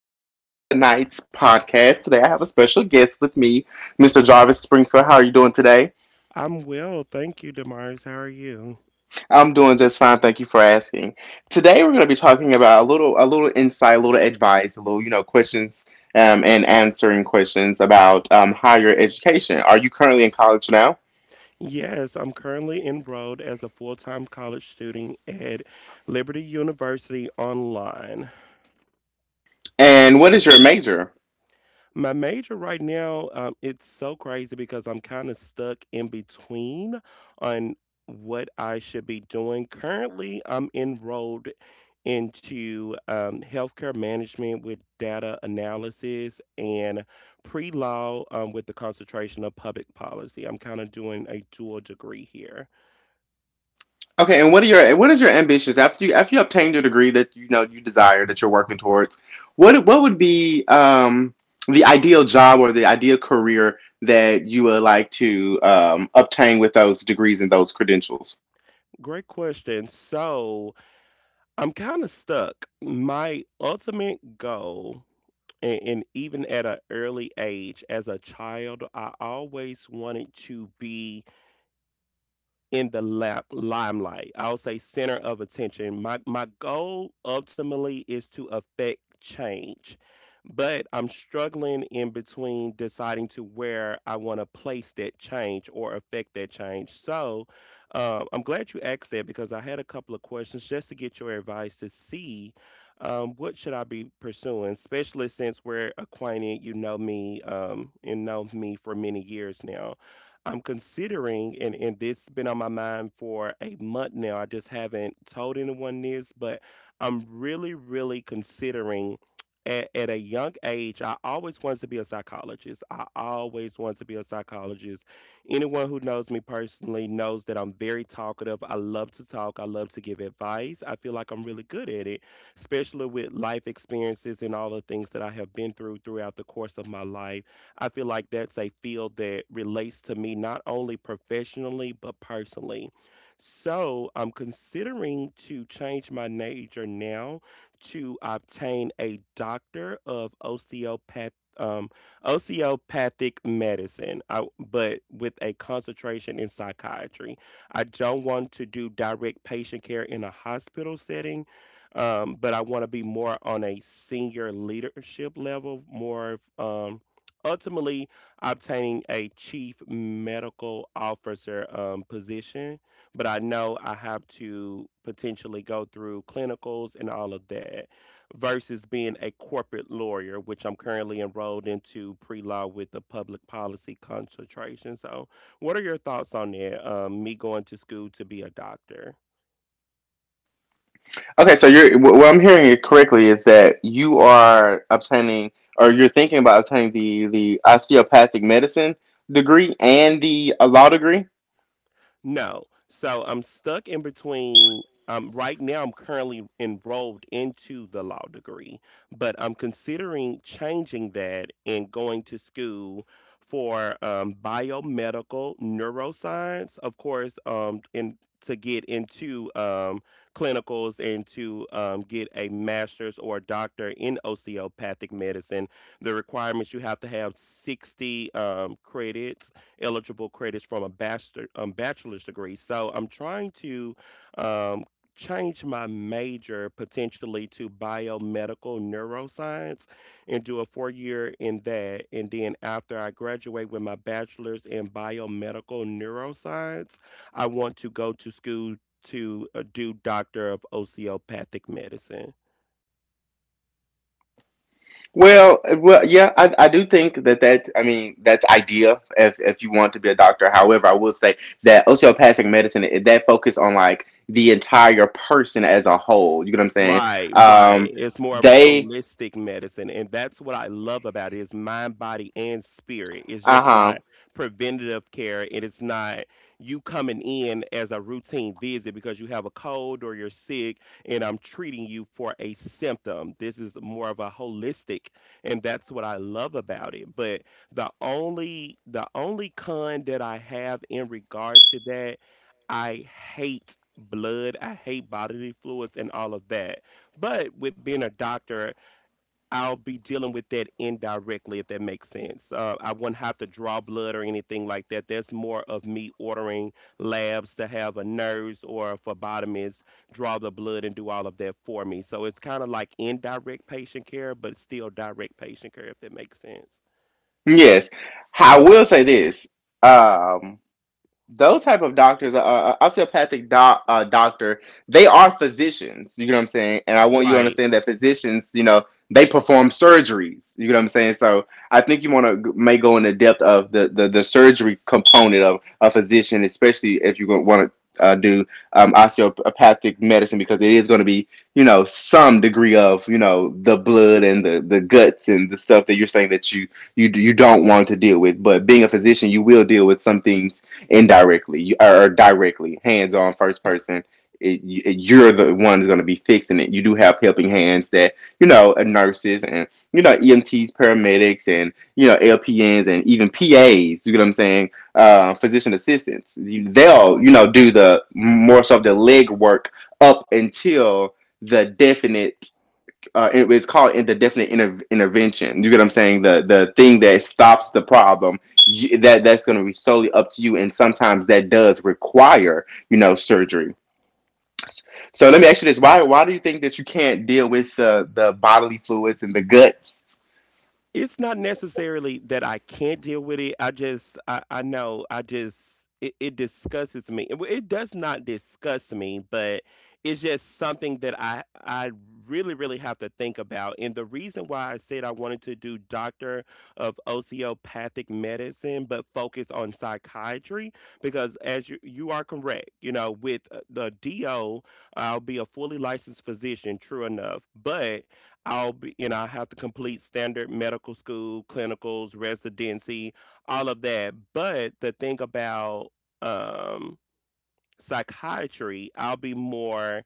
your host on tonight's podcast. Today, I have a special guest with me, Mr. Jarvis Springfield. How are you doing today? I'm well, thank you, Damaris. How are you? I'm doing just fine. Thank you for asking. Today, we're going to be talking about a little insight, a little advice, a little, questions, and answering questions about higher education. Are you currently in college now? Yes, I'm currently enrolled as a full time college student at Liberty University Online. And what is your major? My major right now, it's so crazy because I'm kind of stuck in between on what I should be doing. Currently, I'm enrolled into healthcare management with data analysis and pre law, with the concentration of public policy. I'm kind of doing a dual degree here. Okay, and what are your what is your ambitions after you obtain your degree that you know you desire that you're working towards? What would be the ideal job or the ideal career that you would like to obtain with those degrees and those credentials? Great question. So I'm kind of stuck. My ultimate goal, and even at an early age as a child I always wanted to be in the limelight. I would say center of attention. My goal ultimately is to affect change, but I'm struggling in between deciding to where I want to place that change or affect that change. So, I'm glad you asked that because I had a couple of questions just to get your advice to see, what should I be pursuing, especially since we're acquainted. You know me, and know me for many years now. I'm considering, and this has been on my mind for a month now. I just haven't told anyone this, but I'm really, really considering. At a young age, I always wanted to be a psychologist. I always wanted to be a psychologist. Anyone who knows me personally knows that I'm very talkative. I love to talk. I love to give advice. I feel like I'm really good at it, especially with life experiences and all the things that I have been through throughout the course of my life. I feel like that's a field that relates to me not only professionally but personally. So I'm considering to change my major now to obtain a doctor of um, osteopathic medicine, but with a concentration in psychiatry. I don't want to do direct patient care in a hospital setting, but I want to be more on a senior leadership level, more of, ultimately obtaining a chief medical officer position. But I know I have to potentially go through clinicals and all of that versus being a corporate lawyer, which I'm currently enrolled into pre law with a public policy concentration. So, what are your thoughts on that? Me going to school to be a doctor? Okay, so what I'm hearing it correctly is that you are obtaining or you're thinking about obtaining the osteopathic medicine degree and the law degree. No. So I'm stuck in between. Right now, I'm currently enrolled into the law degree, but I'm considering changing that and going to school for biomedical neuroscience, of course, and to get into clinicals and to get a master's or a doctor in osteopathic medicine. The requirements, you have to have 60 credits, eligible credits from a bachelor's degree. So I'm trying to um, change my major potentially to biomedical neuroscience and do a 4 year in that. And then after I graduate with my bachelor's in biomedical neuroscience, I want to go to school to do doctor of osteopathic medicine. Well, yeah, I do think that I mean that's ideal if you want to be a doctor. However, I will say that osteopathic medicine that focus on like the entire person as a whole. You get what I'm saying? Right, right. Um, It's more of a they. holistic medicine, and that's what I love about it. It's mind, body, and spirit. It's Uh just huh. not preventative care. It is not you coming in as a routine visit because you have a cold or you're sick, and I'm treating you for a symptom. This is more of a holistic, and that's what I love about it. But the only con that I have in regards to that, I hate blood, I hate bodily fluids and all of that. But with being a doctor, I'll be dealing with that indirectly, if that makes sense. I wouldn't have to draw blood or anything like that. That's more of me ordering labs to have a nurse or a phlebotomist draw the blood and do all of that for me. So it's kind of like indirect patient care, but still direct patient care, if that makes sense. Yes. I will say this. Um, those type of doctors, a doctor, they are physicians. You know what I'm saying? And I want you to Right. understand that physicians, you know, they perform surgeries. You know what I'm saying? So I think you want to may go into depth of the surgery component of a physician, especially if you want to do osteopathic medicine, because it is going to be, you know, some degree of, you know, the blood and the guts and the stuff that you're saying that you don't want to deal with. But being a physician, you will deal with some things indirectly, or directly, hands on, first person. It, you- are the one that's going to be fixing it. You do have helping hands that you know nurses and you know EMTs, paramedics, and you know LPNs and even PAs. You get what I'm saying? Physician assistants. They'll you know do the more so the leg work up until the definite, it's called indefinite intervention. You get what I'm saying? The thing that stops the problem, you, that's going to be solely up to you, and sometimes that does require you know surgery. So let me ask you this: why do you think that you can't deal with the bodily fluids and the guts? It's not necessarily that I can't deal with it. I just, I know, I just, it disgusts me. It does not disgust me, but it's just something that I really, really have to think about. And the reason why I said I wanted to do doctor of osteopathic medicine, but focus on psychiatry, because as you are correct, you know, with the DO, I'll be a fully licensed physician, true enough, but I'll be, you know, I have to complete standard medical school, clinicals, residency, all of that. But the thing about, um, psychiatry, I'll be more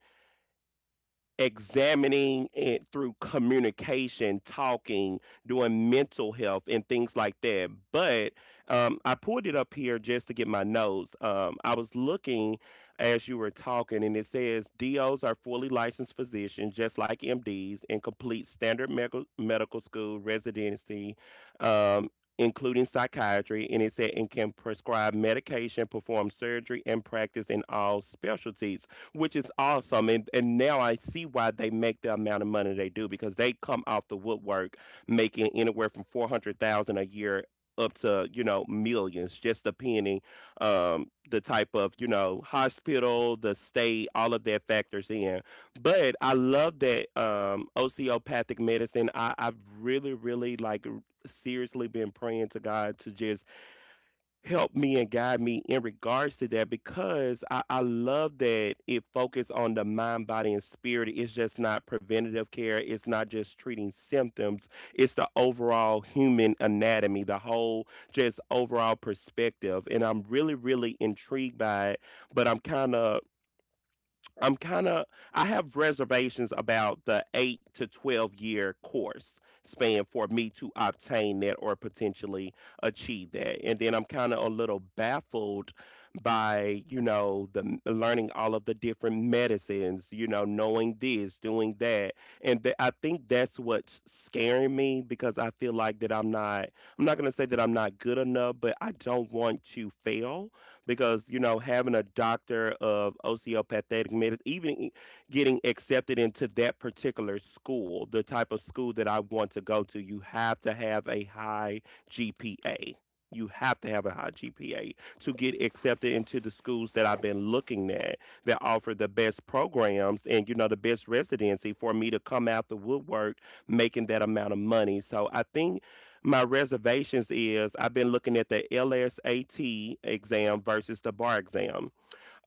examining it through communication, talking, doing mental health, and things like that. But I pulled it up here just to get my notes. I was looking as you were talking, and it says DOs are fully licensed physicians, just like MDs, and complete standard medical school residency. Um, Including psychiatry, and it said, and can prescribe medication, perform surgery, and practice in all specialties, which is awesome. And now I see why they make the amount of money they do, because they come off the woodwork making anywhere from 400,000 a year up to, you know, millions, just depending, um, the type of, you know, hospital, the state, all of that factors in. But I love that, um, osteopathic medicine. I've really, seriously been praying to God to just help me and guide me in regards to that, because I love that it focused on the mind, body, and spirit. It's just not preventative care. It's not just treating symptoms. It's the overall human anatomy, the whole just overall perspective. And I'm really, really intrigued by it. But I'm kind of I have reservations about the 8 to 12 year course span for me to obtain that or potentially achieve that. And then I'm kind of a little baffled by, you know, learning all of the different medicines, you know, knowing this, doing that. I think that's what's scaring me, because I feel like that I'm not going to say that I'm not good enough, but I don't want to fail, because you know, having a doctor of osteopathic medicine, getting accepted into that particular school, the type of school that I want to go to, you have to have a high GPA. You have to have a high GPA to get accepted into the schools that I've been looking at that offer the best programs and, you know, the best residency for me to come out the woodwork making that amount of money. So I think my reservations is I've been looking at the LSAT exam versus the bar exam.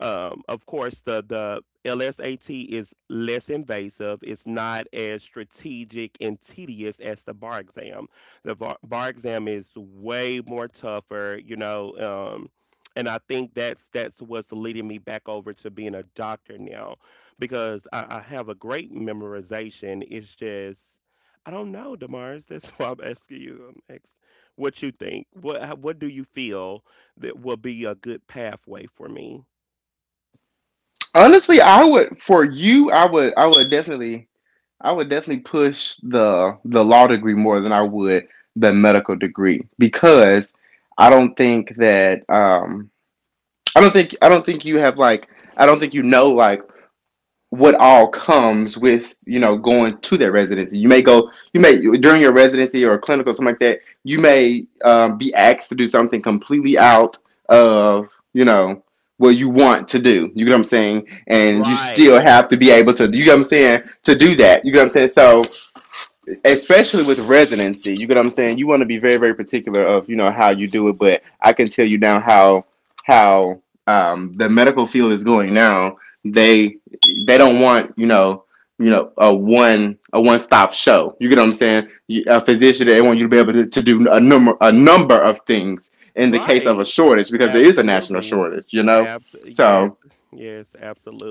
Of course, the LSAT is less invasive. It's not as strategic and tedious as the bar exam. The bar exam is way more tougher, you know. And I think that's what's leading me back over to being a doctor now, because I have a great memorization. It's just I don't know, Demars. That's why I'm asking you. I'm ask What you think. What do you feel that will be a good pathway for me? Honestly, I would for you, I would definitely push the law degree more than I would the medical degree because I don't think that. I don't think you have like I don't think you know like what all comes with you know going to that residency. You may during your residency or a clinic or something like that. You may be asked to do something completely out of you know what you want to do. You get what I'm saying? And you still Right. have to be able to. You get what I'm saying? To do that. You get what I'm saying? So especially with residency. You get what I'm saying? You want to be very, very particular of you know how you do it. But I can tell you now how the medical field is going now. They they don't want you know a one stop show. You get what I'm saying? You, a physician they want you to be able to do a number of things in the case of a Right. shortage because there is a national Absolutely. shortage. You know, Abs Yes. so Yes,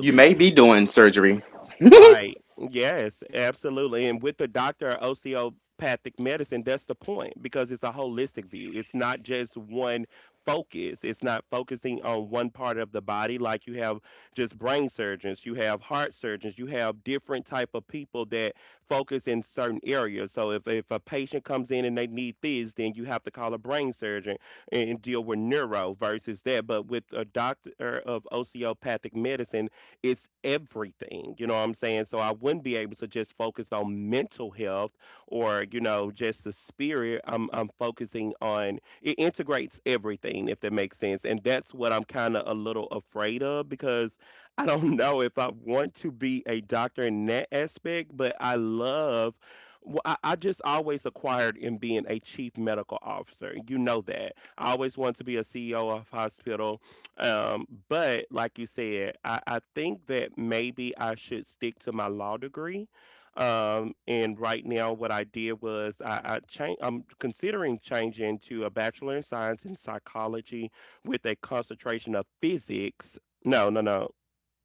you may be doing surgery. Right. Yes, absolutely. And with the doctor of osteopathic medicine, that's the point, because it's a holistic view. It's not just one focus. It's not focusing on one part of the body, like you have just brain surgeons, you have heart surgeons, you have different type of people that focus in certain areas. So if a patient comes in and they need this, then you have to call a brain surgeon and deal with neuro versus that. But with a doctor of osteopathic medicine, it's everything. You know what I'm saying? So I wouldn't be able to just focus on mental health or, you know, just the spirit. I'm focusing on it integrates everything, if that makes sense. And that's what I'm kind of a little afraid of, because I don't know if I want to be a doctor in that aspect, but I love, well, I just always acquired in being a chief medical officer. You know that. I always wanted to be a CEO of hospital. But like you said, I think that maybe I should stick to my law degree. And right now, what I did was I changed. I'm considering changing to a bachelor in science in psychology with a concentration of physics. No, no, no.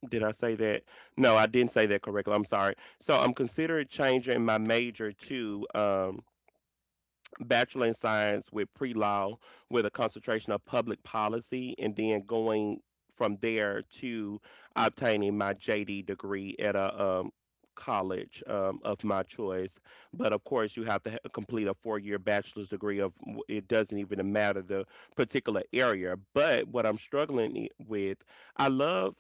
Did I say that? No, I didn't say that correctly. I'm sorry. So I'm considering changing my major to bachelor in science with pre-law with a concentration of public policy, and then going from there to obtaining my JD degree at a college of my choice. But of course, you have to complete a four-year bachelor's degree of, it doesn't even matter the particular area. But what I'm struggling with, I love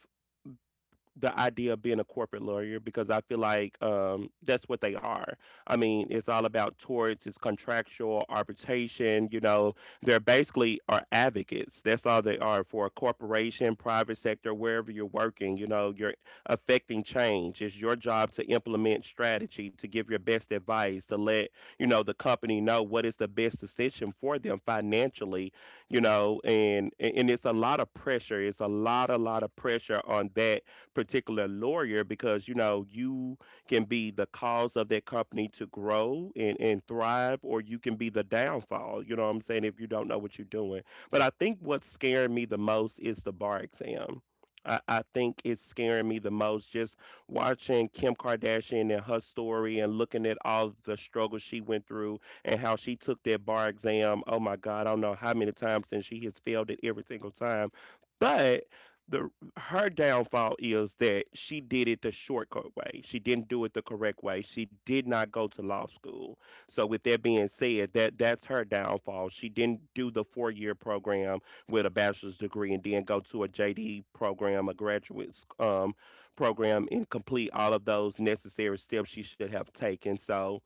the idea of being a corporate lawyer because I feel like that's what they are. I mean, it's all about torts, it's contractual arbitration. You know, they're basically are advocates. That's all they are for a corporation, private sector, wherever you're working. You know, you're affecting change. It's your job to implement strategy, to give your best advice, to let the company know what is the best decision for them financially, and it's a lot of pressure. It's a lot, a lot of pressure on that particular lawyer, because you know you can be the cause of that company to grow and thrive, or you can be the downfall. You know what I'm saying? If you don't know what you're doing. But I think what's scaring me the most is the bar exam. I think it's scaring me the most, just watching Kim Kardashian and her story and looking at all the struggles she went through and how she took that bar exam. Oh my God, I don't know how many times, and she has failed it every single time. But the her downfall is that she did it the shortcut way. She didn't do it the correct way. She did not go to law school. So with that being said, that's her downfall. She didn't do the four-year program with a bachelor's degree and then go to a JD program, a graduate um, program, and complete all of those necessary steps she should have taken. So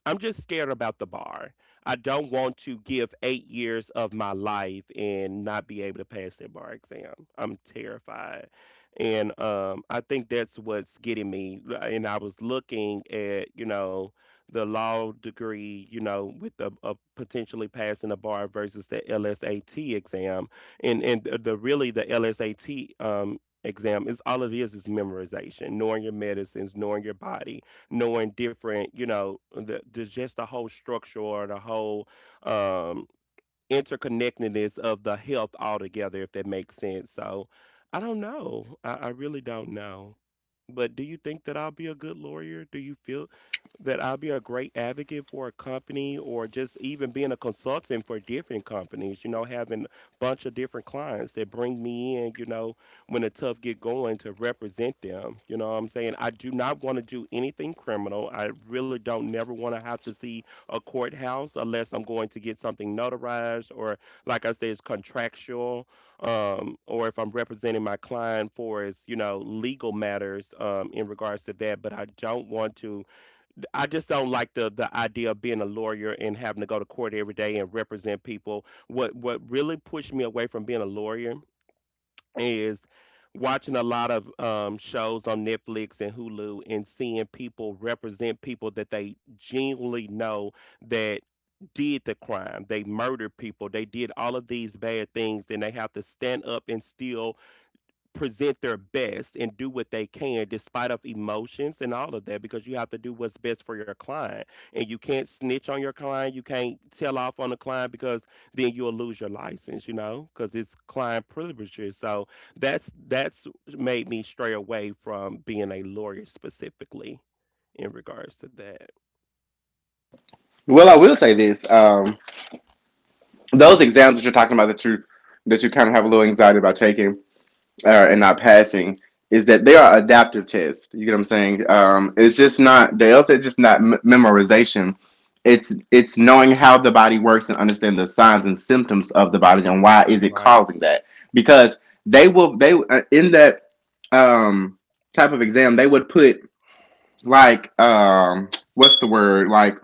I'm just scared about the bar. I don't want to give 8 years of my life and not be able to pass that bar exam. I'm terrified. And I think that's what's getting me. And I was looking at, you know, the law degree, you know, with a potentially passing the bar versus the LSAT exam. And the really the LSAT exam is all it is memorization, knowing your medicines, knowing your body, knowing different, you know, the just the whole structure or the whole um, interconnectedness of the health altogether, if that makes sense. So I don't know. I really don't know. But do you think that I'll be a good lawyer? Do you feel that I'll be a great advocate for a company, or just even being a consultant for different companies, you know, having a bunch of different clients that bring me in, you know, when the tough get going, to represent them. You know what I'm saying? I do not want to do anything criminal. I really don't never want to have to see a courthouse unless I'm going to get something notarized, or like I say, it's contractual, or if I'm representing my client for his, you know, legal matters, in regards to that. But I don't want to. I just don't like the idea of being a lawyer and having to go to court every day and represent people. What really pushed me away from being a lawyer is watching a lot of shows on Netflix and Hulu and seeing people represent people that they genuinely know that did the crime. They murdered people. They did all of these bad things, and they have to stand up and still present their best and do what they can despite of emotions and all of that, because you have to do what's best for your client, and you can't snitch on your client, you can't tell off on the client, because then you'll lose your license, you know, because it's client privileges. So that's made me stray away from being a lawyer, specifically in regards to that. Well, I will say this. Those exams that you're talking about that you kind of have a little anxiety about taking and not passing is that they are adaptive tests. You get what I'm saying? It's just not they also it's just not memorization. It's knowing how the body works and understand the signs and symptoms of the body and why is it Right. causing that? Because they will they in that um, type of exam they would put like what's the word like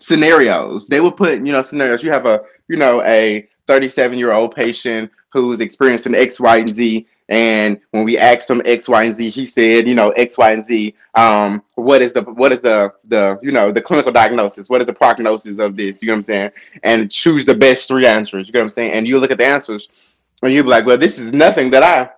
scenarios. They would put, you know, scenarios. You have a 37-year-old patient who's experiencing X, Y, and Z. And when we asked him X, Y, and Z, he said, you know, X, Y, and Z. What is the what is the you know the clinical diagnosis? What is the prognosis of this? You know what I'm saying? And choose the best three answers. You know what I'm saying? And you look at the answers and you be like, well, this is nothing that I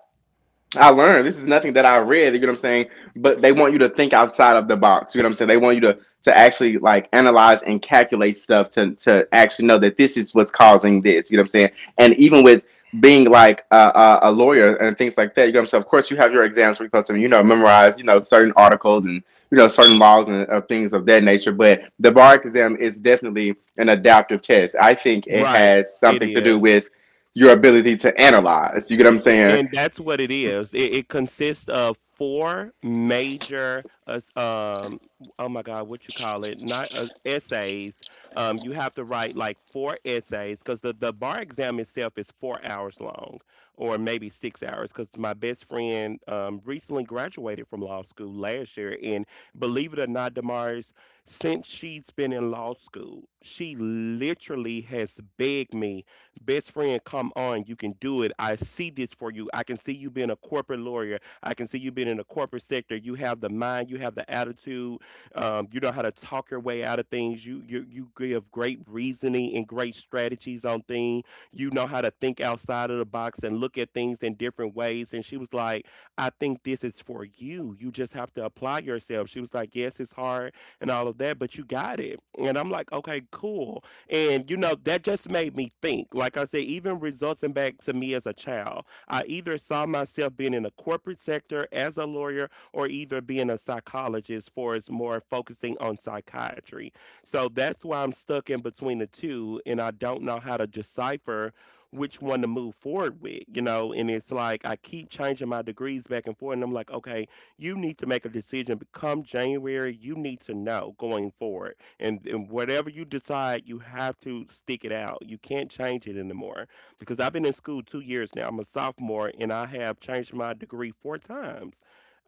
I learned. This is nothing that I read. You know what I'm saying? But they want you to think outside of the box. You know what I'm saying? They want you to actually like analyze and calculate stuff to actually know that this is what's causing this. You know what I'm saying? And even with being like a lawyer and things like that, you know what I'm saying? Of course, you have your exams where you're supposed to, you know, memorize, you know, certain articles and you know certain laws and things of that nature. But the bar exam is definitely an adaptive test. I think it Right. has It something to do is. with your ability to analyze. You get what I'm saying? And that's what it is. It consists of 4 major, oh my God, what you call it? Not essays. You have to write like 4 essays, because the bar exam itself is 4 hours long, or maybe 6 hours. Because my best friend recently graduated from law school last year. And believe it or not, Damaris, since she's been in law school, she literally has begged me. Best friend, come on. You can do it. I see this for you. I can see you being a corporate lawyer. I can see you being in the corporate sector. You have the mind, you have the attitude. You know how to talk your way out of things. You give great reasoning and great strategies on things. You know how to think outside of the box and look at things in different ways. And she was like, I think this is for you. You just have to apply yourself. She was like, yes, it's hard and all of that, but you got it. And I'm like, okay, cool. And you know, that just made me think. Like I said, even resulting back to me as a child, I either saw myself being in the corporate sector as a lawyer, or either being a psychologist, for it's more focusing on psychiatry. So that's why I'm stuck in between the two, and I don't know how to decipher which one to move forward with, you know. And it's like I keep changing my degrees back and forth, and I'm like, okay, you need to make a decision. But come January, you need to know going forward, and whatever you decide, you have to stick it out. You can't change it anymore, because I've been in school 2 years now. I'm a sophomore, and I have changed my degree 4 times.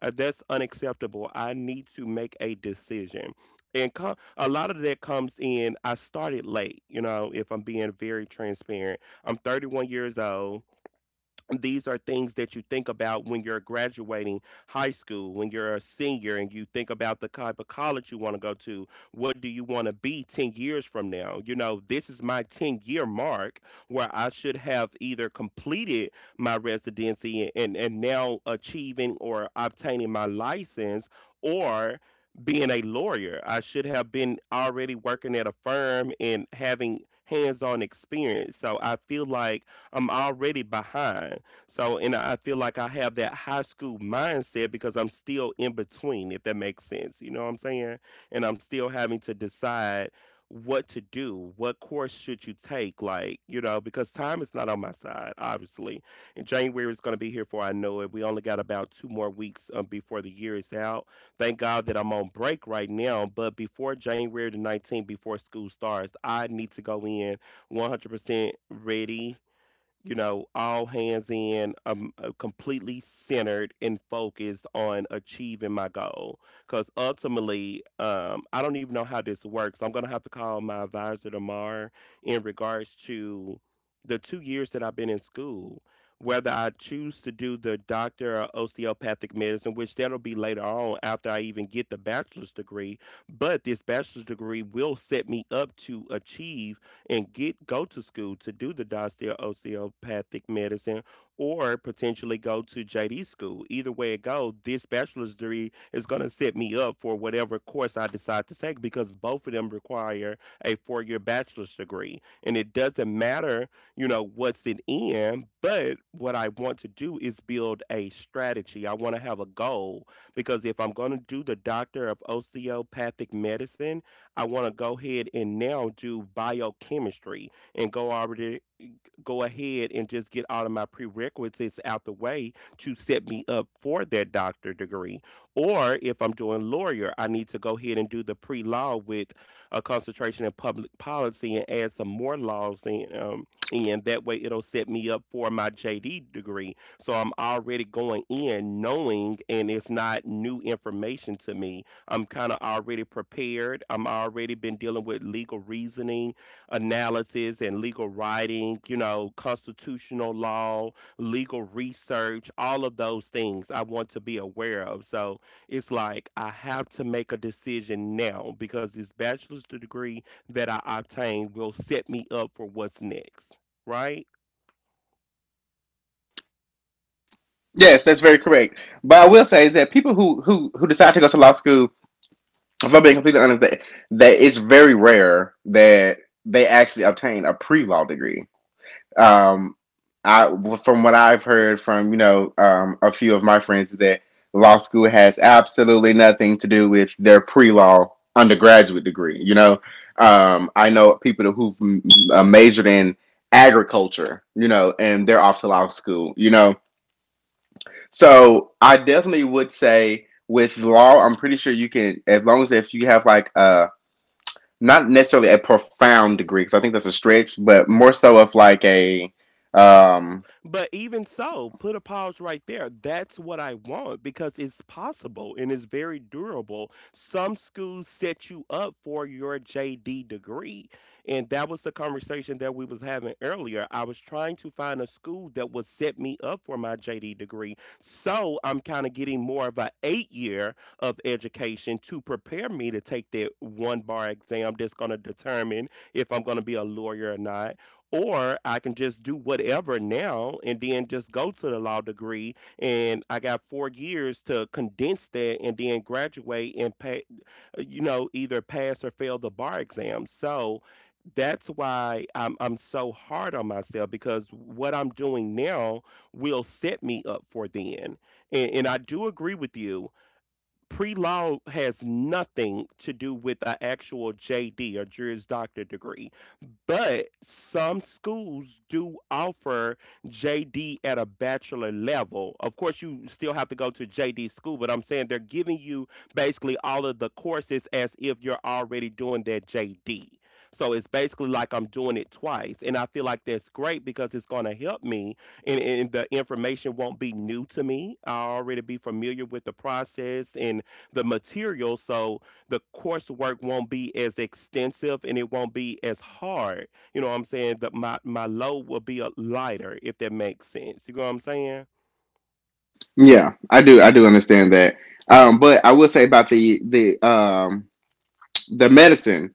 That's unacceptable. I need to make a decision, and a lot of that comes in. I started late, you know. If I'm being very transparent, I'm 31 years old. These are things that you think about when you're graduating high school, when you're a senior and you think about the type of college you want to go to. What do you want to be 10 years from now? You know, this is my 10-year mark where I should have either completed my residency and, now achieving or obtaining my license, or being a lawyer. I should have been already working at a firm and having hands on experience. So I feel like I'm already behind. So, and I feel like I have that high school mindset because I'm still in between, if that makes sense. You know what I'm saying? And I'm still having to decide what to do, what course should you take, like, you know, because time is not on my side, obviously. And January is going to be here for I know it. We only got about two more weeks before the year is out. Thank God that I'm on break right now, but before January the 19th, before school starts, I need to go in 100% ready, you know, all hands in, completely centered and focused on achieving my goal. Because ultimately, I don't even know how this works. I'm going to have to call my advisor tomorrow in regards to the 2 years that I've been in school. Whether I choose to do the doctor or osteopathic medicine, which that'll be later on after I even get the bachelor's degree, but this bachelor's degree will set me up to achieve and get go to school to do the Dossdale osteopathic medicine, or potentially go to JD school. Either way it goes, this bachelor's degree is going to set me up for whatever course I decide to take, because both of them require a four-year bachelor's degree. And it doesn't matter, you know, what's it in, but what I want to do is build a strategy. I want to have a goal, because if I'm going to do the doctor of osteopathic medicine, I want to go ahead and now do biochemistry and go over there, go ahead and just get all of my prerequisites out the way to set me up for that doctor degree. Or if I'm doing lawyer, I need to go ahead and do the pre law with a concentration in public policy and add some more laws in. And that way it'll set me up for my JD degree. So I'm already going in knowing, and it's not new information to me. I'm kind of already prepared. I'm already been dealing with legal reasoning, analysis, and legal writing, you know, constitutional law, legal research, all of those things I want to be aware of. So it's like I have to make a decision now, because this bachelor's degree that I obtained will set me up for what's next, right? Yes, that's very correct. But I will say is that people who decide to go to law school, if I'm being completely honest, that it's very rare that they actually obtain a pre-law degree. Um, I from what I've heard from you know a few of my friends is that law school has absolutely nothing to do with their pre-law undergraduate degree. You know, I know people who've majored in agriculture, you know, and they're off to law school, you know, so I definitely would say with law, I'm pretty sure you can, as long as if you have like a not necessarily a profound degree, because I think that's a stretch, but more so of like a, um, But even so, put a pause right there. That's what I want, because it's possible and it's very durable. Some schools set you up for your JD degree. And that was the conversation that we was having earlier. I was trying to find a school that would set me up for my JD degree. So I'm kind of getting more of an 8- year of education to prepare me to take that one bar exam that's going to determine if I'm going to be a lawyer or not, or I can just do whatever now and then just go to the law degree. And I got 4 years to condense that and then graduate and pay, either pass or fail the bar exam. So that's why I'm so hard on myself, because what I'm doing now will set me up for then. And I do agree with you, pre-law has nothing to do with the actual JD or Juris Doctor degree, but some schools do offer JD at a bachelor level. Of course, you still have to go to JD school, but I'm saying they're giving you basically all of the courses as if you're already doing that JD. So it's basically like I'm doing it twice, and I feel like that's great because it's going to help me, and the information won't be new to me. I'll already be familiar with the process and the material, so the coursework won't be as extensive and it won't be as hard. You know what I'm saying? That my load will be a lighter, if that makes sense. You know what I'm saying? yeah, I do understand that. But I will say about the medicine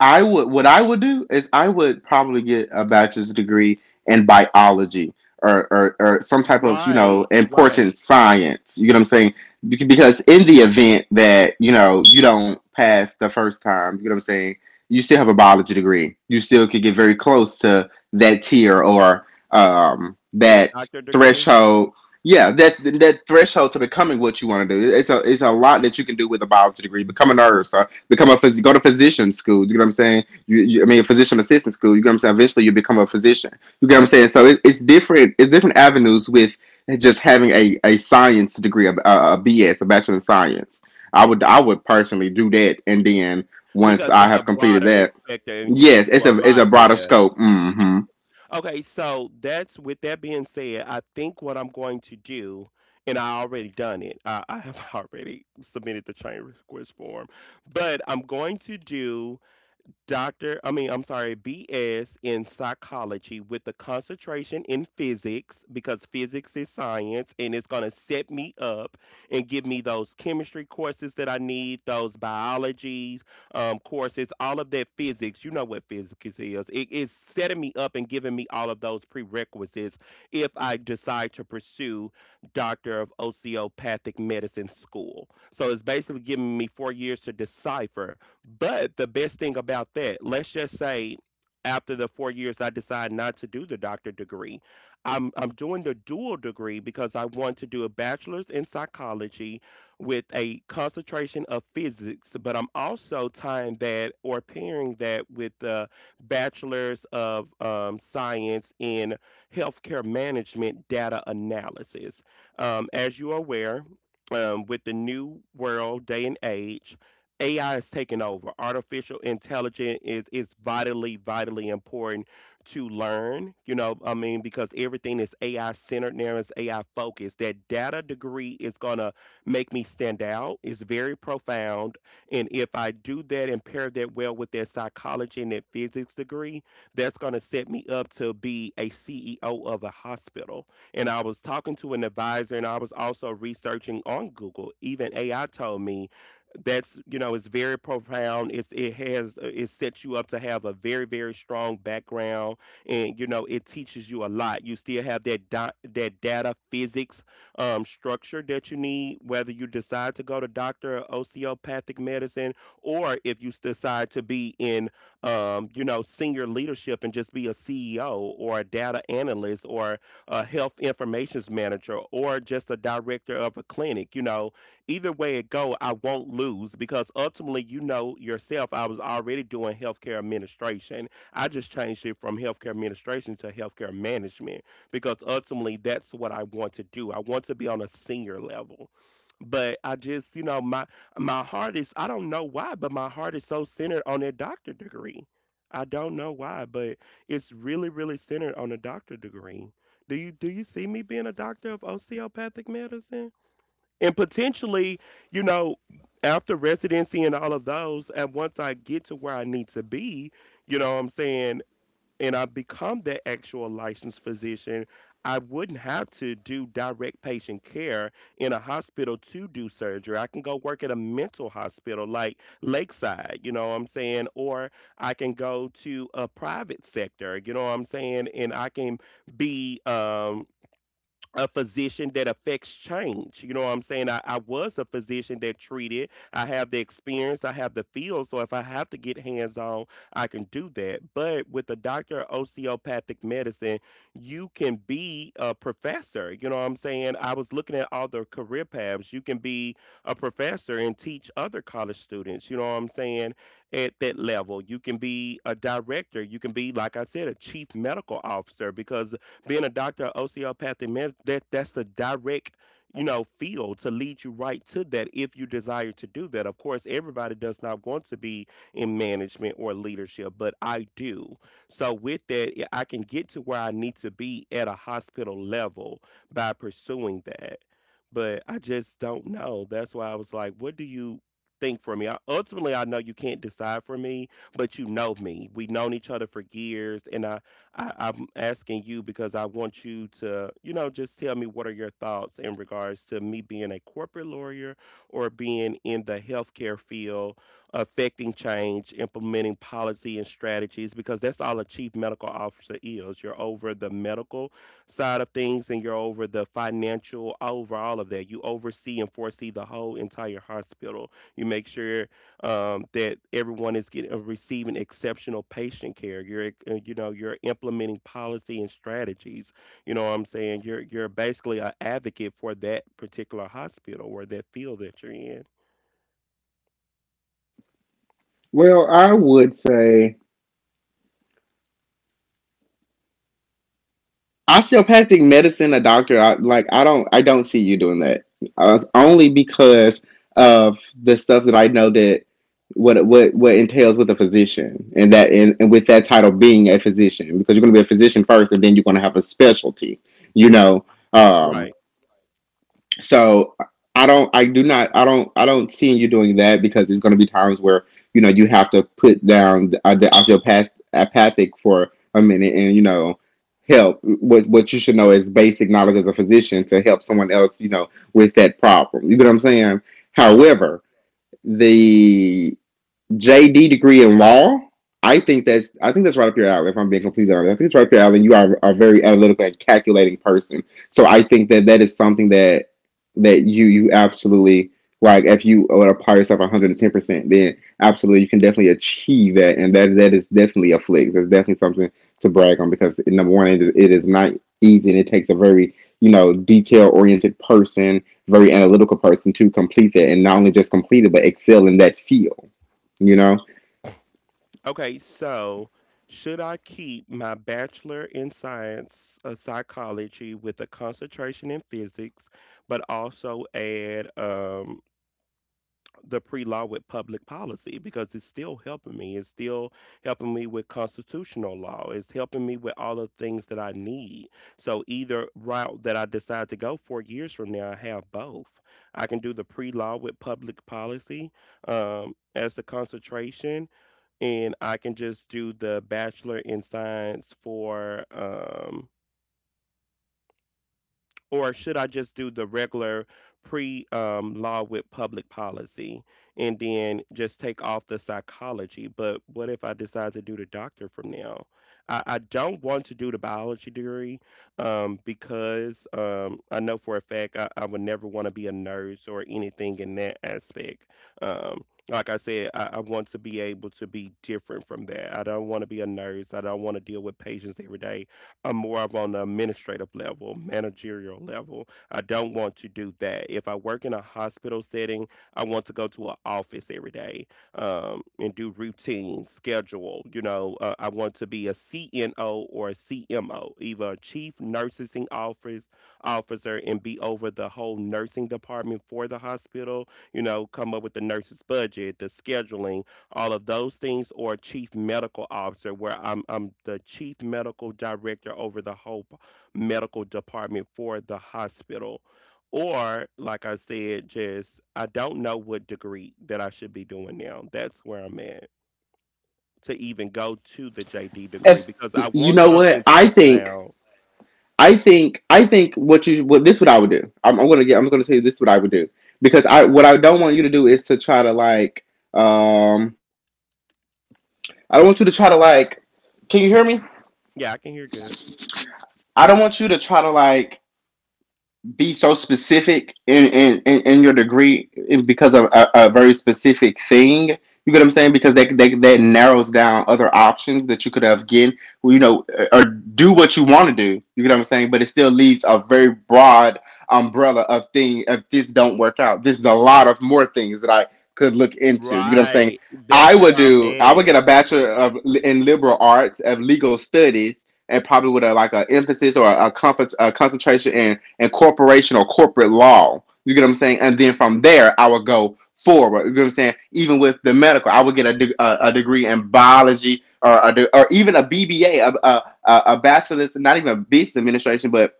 I would what I would do is I would probably get a bachelor's degree in biology or, some type of you know Right, important right. science. You get what I'm saying? Because in the event that you know you don't pass the first time, you get what I'm saying? You still have a biology degree. You still could get very close to that tier or To the that doctor degree, threshold. Yeah, that threshold to becoming what you want to do. It's a lot that you can do with a biology degree. Become a nurse, become a go to physician school. You get what I'm saying? You I mean, a physician assistant school. You get what I'm saying? Eventually, you become a physician. You get what I'm saying? So it's different. It's different avenues with just having a science degree, a BS, a bachelor in science. I would personally do that, and then once because I it's a have completed broader that, expector and you can yes, do it's a a lot with broader it. scope. Hmm. Okay, so that's with that being said, I think what I'm going to do, and I already done it. I have already submitted the change request form, but I'm going to do Doctor, I mean, I'm sorry, BS in psychology with a concentration in physics, because physics is science and it's going to set me up and give me those chemistry courses that I need, those biologies courses, all of that physics. You know what physics is. It is setting me up and giving me all of those prerequisites if I decide to pursue Doctor of Osteopathic Medicine School. So it's basically giving me 4 years to decipher. But the best thing about that, let's just say after the 4 years I decide not to do the doctor degree. I'm doing the dual degree, because I want to do a bachelor's in psychology with a concentration of physics, but I'm also tying that or pairing that with the bachelor's of science in healthcare management data analysis. As you are aware, with the new world day and age, AI is taking over. Artificial intelligence is vitally, vitally important to learn. You know, I mean, because everything is AI centered now, is AI focused. That data degree is gonna make me stand out. It's very profound, and if I do that and pair that well with that psychology and that physics degree, that's gonna set me up to be a CEO of a hospital. And I was talking to an advisor, and I was also researching on Google. Even AI told me that's, you know, it's very profound, it's it has it sets you up to have a very, very strong background, and you know it teaches you a lot. You still have that dot, that data physics structure that you need, whether you decide to go to doctor of osteopathic medicine, or if you decide to be in, you know, senior leadership, and just be a CEO or a data analyst or a health informations manager or just a director of a clinic. You know, either way it go, I won't lose, because ultimately, you know yourself, I was already doing healthcare administration. I just changed it from healthcare administration to healthcare management because ultimately that's what I want to do. I want to be on a senior level. But I just, you know, my heart is, I don't know why, but my heart is so centered on that doctor degree. I don't know why, but it's really, really centered on a doctor degree. Do you see me being a doctor of osteopathic medicine? And potentially, you know, after residency and all of those, and once I get to where I need to be, you know what I'm saying, and I become that actual licensed physician, I wouldn't have to do direct patient care in a hospital to do surgery. I can go work at a mental hospital like Lakeside, you know what I'm saying, or I can go to a private sector, you know what I'm saying, and I can be a physician that affects change. You know what I'm saying? I was a physician that treated. I have the experience, I have the field. So if I have to get hands on, I can do that. But with the doctor of osteopathic medicine, you can be a professor. You know what I'm saying? I was looking at all the career paths. You can be a professor and teach other college students. You know what I'm saying? At that level, you can be a director. You can be, like I said, a chief medical officer, because being a doctor of osteopathic medicine, that's the direct, you know, field to lead you right to that if you desire to do that. Of course, everybody does not want to be in management or leadership, but I do. So with that, yeah, I can get to where I need to be at a hospital level by pursuing that. But I just don't know. That's why I was like, what do you think for me? I, ultimately, I know you can't decide for me, but you know me. We've known each other for years, and I'm asking you because I want you to, you know, just tell me what are your thoughts in regards to me being a corporate lawyer or being in the healthcare field, affecting change, implementing policy and strategies, because that's all a chief medical officer is. You're over the medical side of things and you're over the financial, over all of that. You oversee and foresee the whole entire hospital. You make sure that everyone is getting receiving exceptional patient care. You know, you're implementing policy and strategies. You know what I'm saying you're basically an advocate for that particular hospital or that field that you're in. Well, I would say osteopathic medicine, a doctor, I don't see you doing that. It's only because of the stuff that I know that what entails with a physician, and with that title being a physician, because you're going to be a physician first, and then you're going to have a specialty. You know, um, Right, so I don't, I do not, I don't see you doing that because there's going to be times where you know you have to put down the osteopath apathic for a minute and you know help what you should know is basic knowledge as a physician to help someone else you know with that problem. You get what I'm saying? right. However, the JD degree in law. I think that's right up your alley. If I'm being completely honest, I think it's right up your alley. You are a very analytical and calculating person, so I think that that is something that you absolutely like. If you would apply yourself 110% then absolutely you can definitely achieve that, and that is definitely a flex. That's definitely something to brag on because number one, it is not easy, and it takes a very detail oriented person, very analytical person to complete that, and not only just complete it but excel in that field. You know, Okay, so should I keep my bachelor in science, psychology with a concentration in physics, but also add the pre-law with public policy, because it's still helping me. It's still helping me with constitutional law. It's helping me with all the things that I need. So either route that I decide to go 4 years from now, I have both. I can do the pre-law with public policy as the concentration, and I can just do the bachelor in science for or should I just do the regular pre law with public policy and then just take off the psychology? But what if I decide to do the doctor from now? I don't want to do the biology degree because I know for a fact I would never want to be a nurse or anything in that aspect. Um, like I said, I want to be able to be different from that. I don't want to be a nurse. I don't want to deal with patients every day. I'm more of on the administrative level, managerial level. I don't want to do that. If I work in a hospital setting, I want to go to an office every day and do routine, schedule. You know, I want to be a CNO or a CMO, either a chief nursing officer, and be over the whole nursing department for the hospital. You know, come up with the nurses' budget, the scheduling, all of those things, or chief medical officer, where I'm the chief medical director over the whole medical department for the hospital. Or, like I said, just I don't know what degree that I should be doing now. That's where I'm at to even go to the JD degree if because I you want know something what I think, profound. I think what you what this is what I would do. I'm gonna get. I'm gonna tell you this is what I would do because I what I don't want you to do is to try to Um, I don't want you to try to like. Can you hear me? Yeah, I can hear good. I don't want you to try to like be so specific in in your degree because of a very specific thing. You get what I'm saying? Because that narrows down other options that you could have given, well, you know, or do what you want to do. You get what I'm saying? But it still leaves a very broad umbrella of thing. If this don't work out, this is a lot of more things that I could look into. You get what I'm saying? Right. I That's would where I'm do. I would at. get a bachelor of in liberal arts of legal studies, and probably with a like an emphasis or a concentration in and corporation or corporate law. You get what I'm saying? And then from there, I would go forward. You get what I'm saying? Even with the medical, I would get a degree in biology or a or even a BBA, a bachelor's, not even a business administration, but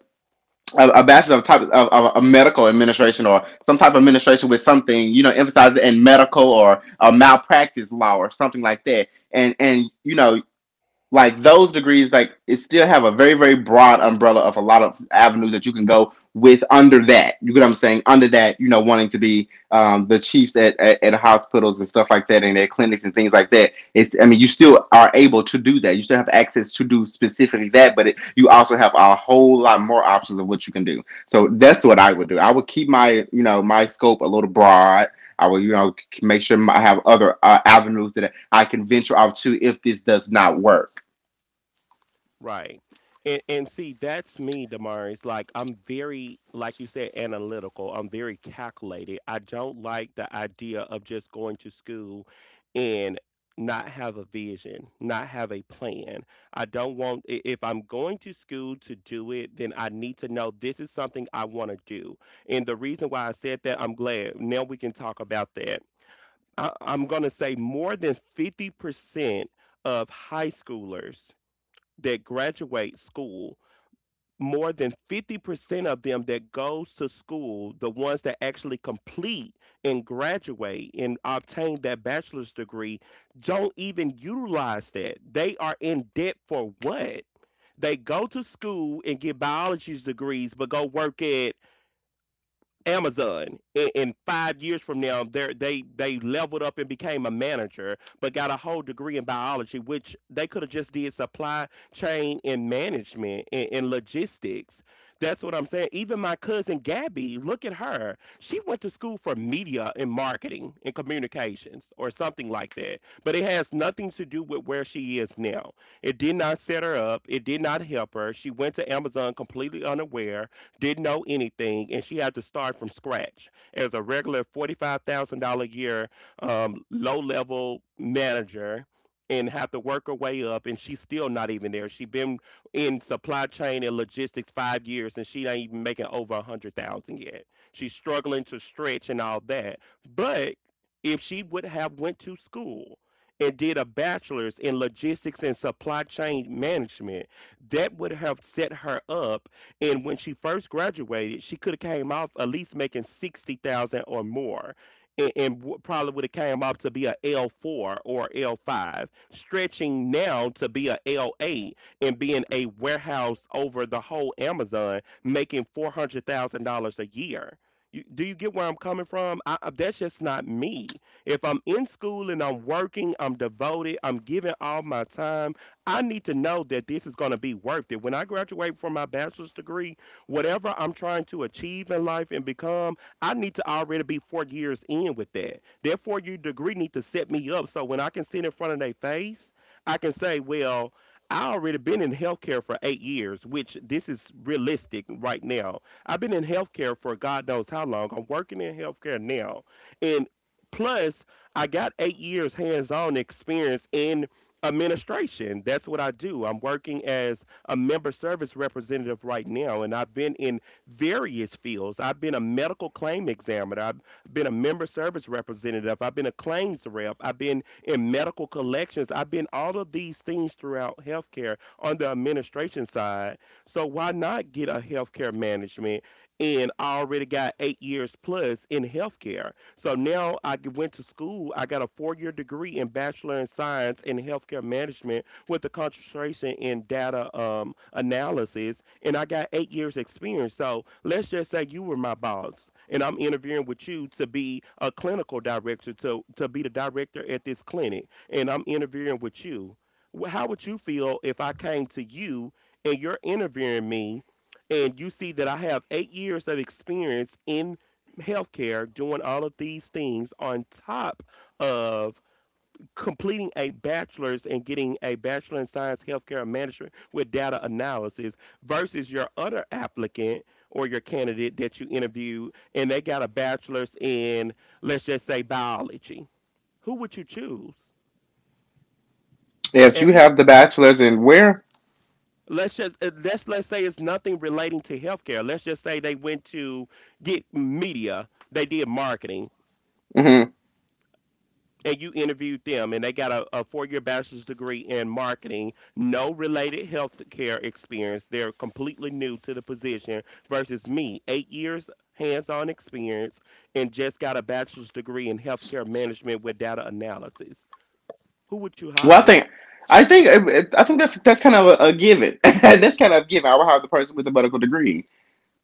a bachelor of type of a medical administration or some type of administration with something, you know, emphasized in medical or a malpractice law or something like that. And you know, like those degrees like it still have a very broad umbrella of a lot of avenues that you can go with under that. You get what I'm saying? Under that, you know, wanting to be the chiefs at, at hospitals and stuff like that and their clinics and things like that. It's, I mean, you still are able to do that. You still have access to do specifically that, but it, you also have a whole lot more options of what you can do. So that's what I would do. I would keep my, you know, my scope a little broad. I will, you know, make sure I have other avenues that I can venture out to if this does not work. Right. And see, that's me, Damaris. Like I'm very, like you said, analytical. I'm very calculated. I don't like the idea of just going to school and not have a vision, not have a plan. I don't want if I'm going to school to do it, then I need to know this is something I want to do. And the reason why I said that, I'm glad now we can talk about that. I'm gonna say more than 50% of high schoolers that graduate school, more than 50% of them that goes to school, the ones that actually complete and graduate and obtain that bachelor's degree, don't even utilize that. They are in debt for what? They go to school and get biology's degrees, but go work at Amazon in 5 years from now, they leveled up and became a manager, but got a whole degree in biology, which they could have just did supply chain and management and logistics. That's what I'm saying. Even my cousin Gabby, look at her. She went to school for media and marketing and communications or something like that. But it has nothing to do with where she is now. It did not set her up. It did not help her. She went to Amazon completely unaware, didn't know anything, and she had to start from scratch as a regular $45,000 a year low level manager, and have to work her way up, and she's still not even there. She's been in supply chain and logistics 5 years and she ain't even making over 100,000 yet. She's struggling to stretch and all that. But if she would have went to school and did a bachelor's in logistics and supply chain management, that would have set her up, and when she first graduated, she could have came off at least making 60,000 or more, and probably would have came off to be a L4 or L5, stretching now to be a L8 and being a warehouse over the whole Amazon making $400,000 a year. Do you get where I'm coming from? That's just not me. If I'm in school and I'm working, I'm devoted, I'm giving all my time. I need to know that this is going to be worth it. When I graduate from my bachelor's degree, whatever I'm trying to achieve in life and become, I need to already be 4 years in with that. That 4 year degree need to set me up so when I can sit in front of their face, I can say, well, I already been in healthcare for 8 years, which this is realistic right now. I've been in healthcare for God knows how long. I'm working in healthcare now. And plus, I got 8 years hands on experience in administration. That's what I do. I'm working as a member service representative right now, and I've been in various fields. I've been a medical claim examiner, I've been a member service representative, I've been a claims rep, I've been in medical collections, I've been all of these things throughout healthcare on the administration side. So, why not get a healthcare management? And I already got 8 years plus in healthcare. So now I went to school. I got a 4-year degree in bachelor in science in healthcare management with a concentration in data analysis, and I got 8 years experience. So let's just say you were my boss, and I'm interviewing with you to be a clinical director, to be the director at this clinic, and I'm interviewing with you. How would you feel if I came to you and you're interviewing me? And you see that I have 8 years of experience in healthcare, doing all of these things on top of completing a bachelor's and getting a bachelor in science healthcare management with data analysis, versus your other applicant or your candidate that you interviewed and they got a bachelor's in, let's just say, biology. Who would you choose? If And you who, have the bachelor's in where? let's just let's say it's nothing relating to healthcare. Let's just say they went to get media, they did marketing, Hmm. and you interviewed them and they got a 4-year bachelor's degree in marketing, no related healthcare experience, they're completely new to the position, versus me, 8 years hands-on experience, and just got a bachelor's degree in healthcare management with data analysis. Who would you Well, hire? I think, I think that's kind of a given. That's kind of a given. I will have the person with the medical degree.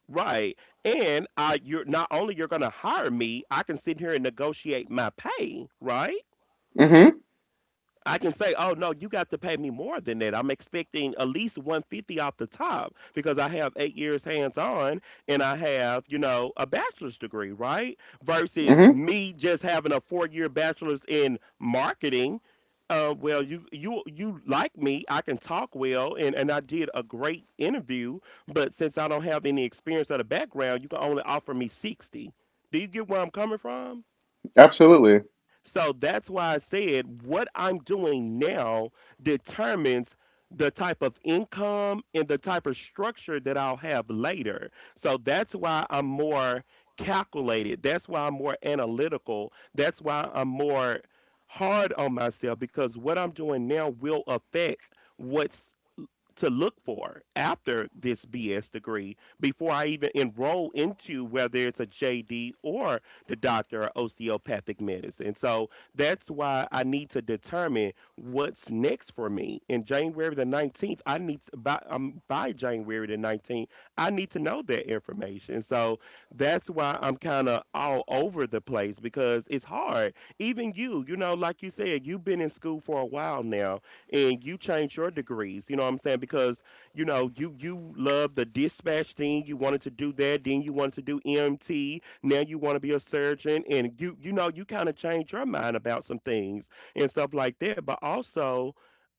Right. And I, you're not only you're going to hire me, I can sit here and negotiate my pay, right? Hmm. I can say, oh no, you got to pay me more than that. I'm expecting at least 150 off the top because I have 8 years hands on and I have a bachelor's degree, right? Versus Hmm. me just having a 4 year bachelor's in marketing. Well, you like me. I can talk well, and I did a great interview. But since I don't have any experience or the background, you can only offer me 60. Do you get where I'm coming from? Absolutely. So that's why I said what I'm doing now determines the type of income and the type of structure that I'll have later. So that's why I'm more calculated. That's why I'm more analytical. That's why I'm more hard on myself, because what I'm doing now will affect what's to look for after this BS degree before I even enroll into whether it's a JD or the doctor of osteopathic medicine. So that's why I need to determine what's next for me. In January the 19th, I need to, by January the 19th, I need to know that information. So that's why I'm kind of all over the place, because it's hard. Even you, you know, like you said, you've been in school for a while now and you change your degrees. You know what I'm saying? Because you know you love the dispatch thing. You wanted to do that. Then you wanted to do EMT. Now you want to be a surgeon, and you know you kind of change your mind about some things and stuff like that. But also,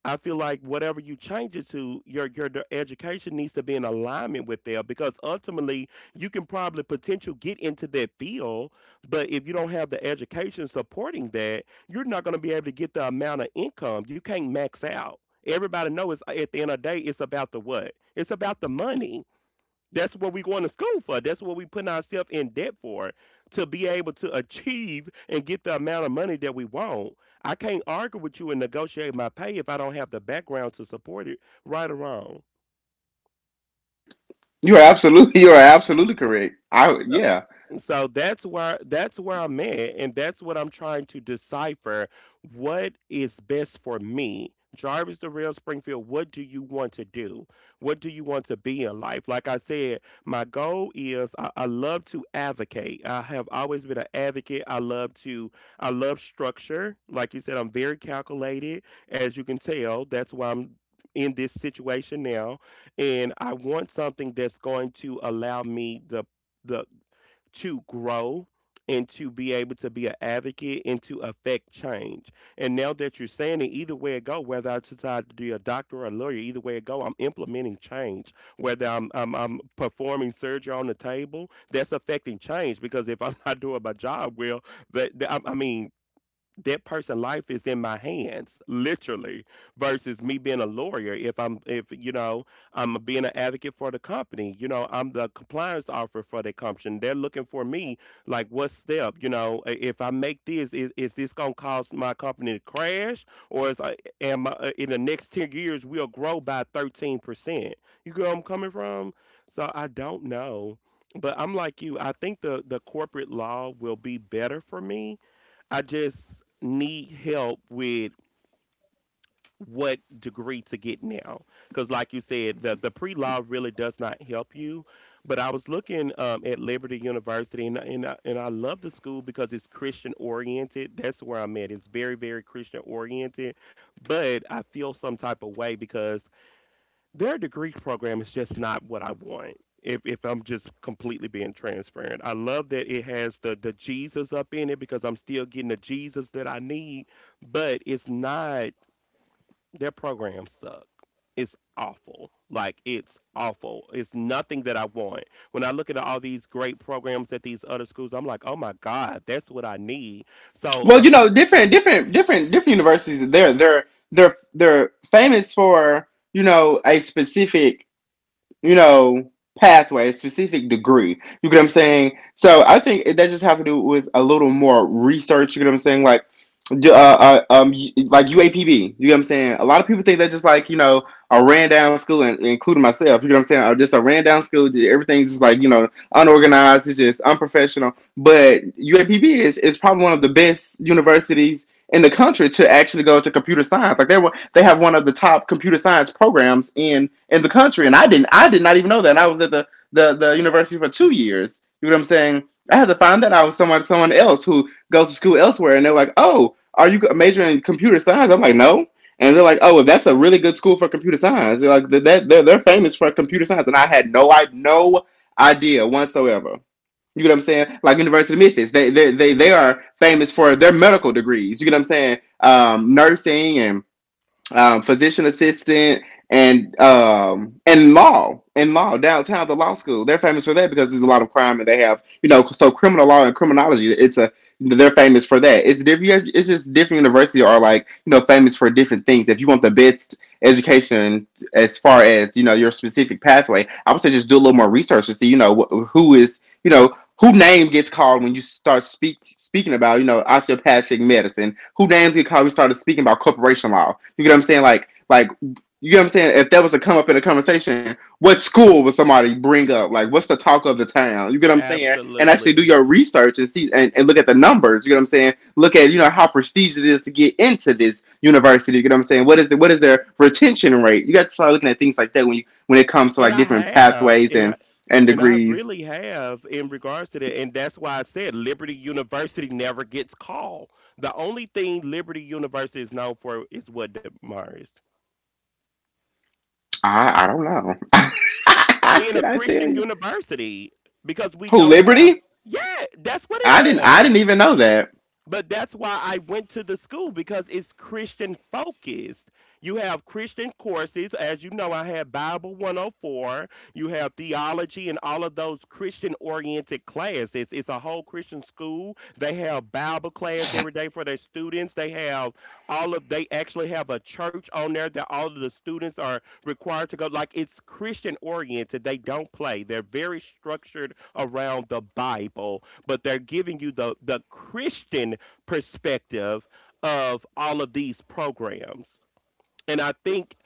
I feel like whatever you change it to, your education needs to be in alignment with that, because ultimately you can probably potential get into that field, but if you don't have the education supporting that, you're not going to be able to get the amount of income. You can't max out. Everybody knows at the end of the day, it's about the what? It's about the money. That's what we going to school for. That's what we putting ourselves in debt for, to be able to achieve and get the amount of money that we want. I can't argue with you and negotiate my pay if I don't have the background to support it, right or wrong. You are absolutely, you are absolutely correct. I yeah. So that's where I'm at, and that's what I'm trying to decipher. What is best for me, Jarvis the Real Springfield? What do you want to do? What do you want to be in life? Like I said, my goal is, I love to advocate. I have always been an advocate. I love to, I love structure. Like you said, I'm very calculated, as you can tell. That's why I'm in this situation now, and I want something that's going to allow me the, to grow and to be able to be an advocate and to affect change. And now that you're saying it, either way it go, whether I decide to be a doctor or a lawyer, either way it go, I'm implementing change. Whether I'm performing surgery on the table, that's affecting change, because if I'm not doing my job well, I mean that person's life is in my hands literally, versus me being a lawyer. If you know, I'm being an advocate for the company, you know, I'm the compliance officer for the company, they're looking for me, like, what step, you know, if I make this, is this going to cause my company to crash, or is I, am I, in the next 10 years we'll grow by 13%? You get where I'm coming from? So I don't know, but I'm like you, I think the corporate law will be better for me. I just need help with what degree to get now. Because, like you said, the pre law really does not help you. But I was looking at Liberty University, and I love the school because it's Christian oriented. That's where I'm at. It's very, very Christian oriented. But I feel some type of way because their degree program is just not what I want. If I'm just completely being transparent, I love that it has the Jesus up in it because I'm still getting the Jesus that I need, but it's not, their program suck. It's awful. Like, it's awful. It's nothing that I want. When I look at all these great programs at these other schools, I'm like, "Oh my god, that's what I need." So, Well, I'm, you I'm know, different universities. They're famous for a specific you know, pathway, a specific degree. You get what I'm saying? So I think that just has to do with a little more research. You get what I'm saying? Uh, uh, um, like UAPB. You know what I'm saying? A lot of people think that just like, you know, a ran down school, and including myself. You know what I'm saying? Or just a ran down school. Everything's just like, you know, unorganized. It's just unprofessional. But UAPB is probably one of the best universities in the country to actually go to computer science. Like they have one of the top computer science programs in the country, and I did not even know that. And I was at the university for 2 years. You know what I'm saying? I had to find that out with someone else who goes to school elsewhere, and they're like, "Oh, are you majoring in computer science?" I'm like, "No." And they're like, "Oh, well, that's a really good school for computer science." They're like, "That they're famous for computer science," and I had no idea whatsoever. You get what I'm saying? Like University of Memphis, they are famous for their medical degrees. You get what I'm saying? Nursing and physician assistant and law downtown the law school. They're famous for that because there's a lot of crime and they have, you know, so criminal law and criminology. It's a they're famous for that. It's different. Yeah, it's just different universities are like, you know, famous for different things. If you want the best education as far as, you know, your specific pathway, I would say just do a little more research to see, you know, who is, you know, who name gets called when you start speaking about, you know, osteopathic medicine? Who names get called when you started speaking about corporation law? You get what I'm saying? You know what I'm saying? If that was to come up in a conversation, what school would somebody bring up? Like, what's the talk of the town? You get what I'm saying? And actually do absolutely. your research and see and, look at the numbers. You get what I'm saying? Look at, you know, how prestigious it is to get into this university. You get what I'm saying? What is their retention rate? You got to start looking at things like that when you when it comes to And like I different have, pathways and I and and I degrees. really have, in regards to that, and that's why I said Liberty University never gets called. The only thing Liberty University is known for is what, Damaris, I don't know. being a Could I tell Christian you? university because we Who don't have. Liberty? Yeah, that's what it I is. didn't even know that. But that's why I went to the school because it's Christian focused. You have Christian courses. As you know, I had Bible 104. You have theology and all of those Christian oriented classes. It's a whole Christian school. They have Bible class every day for their students. They have all of, they actually have a church on there that all of the students are required to go. Like, it's Christian oriented. They don't play, they're very structured around the Bible but they're giving you the Christian perspective of all of these programs. And I think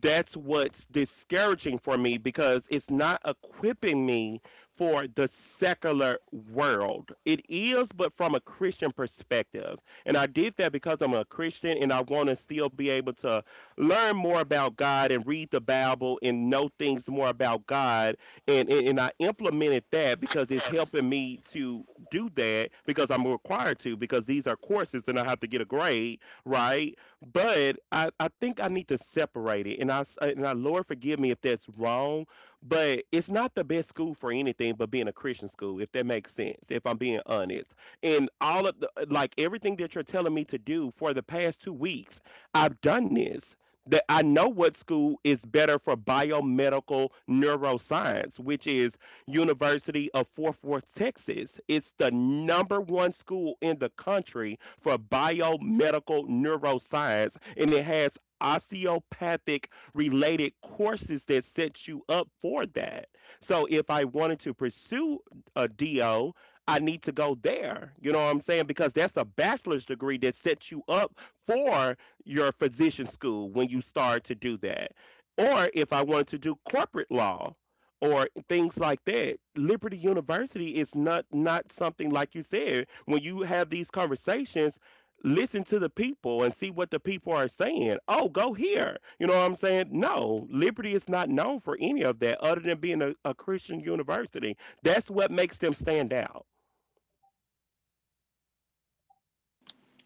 that's what's discouraging for me because it's not equipping me for the secular world. It is, but from a Christian perspective. And I did that because I'm a Christian and I want to still be able to learn more about God and read the Bible and know things more about God. And I implemented that because it's helping me to do that because I'm required to, because these are courses and I have to get a grade, right? But I think I need to separate it. And I Lord forgive me if that's wrong, but it's not the best school for anything but being a Christian school, if that makes sense. If I'm being honest, and all of the like everything that you're telling me to do for the past two weeks, I've done this. That I know what school is better for biomedical neuroscience, which is University of Fort Worth, Texas. It's the number one school in the country for biomedical neuroscience, and it has osteopathic related courses that set you up for that. So if I wanted to pursue a DO, I need to go there. You know what I'm saying? Because that's a bachelor's degree that sets you up for your physician school when you start to do that. Or if I wanted to do corporate law, or things like that. Liberty University is not something like you said. When you have these conversations, listen to the people and see what the people are saying. Oh, go here. You know what I'm saying? No, Liberty is not known for any of that other than being a Christian university. That's what makes them stand out.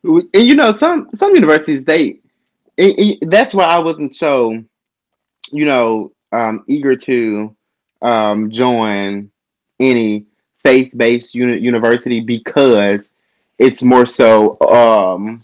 And you know some universities they that's why I wasn't so, you know, eager to join any faith based university because it's more so,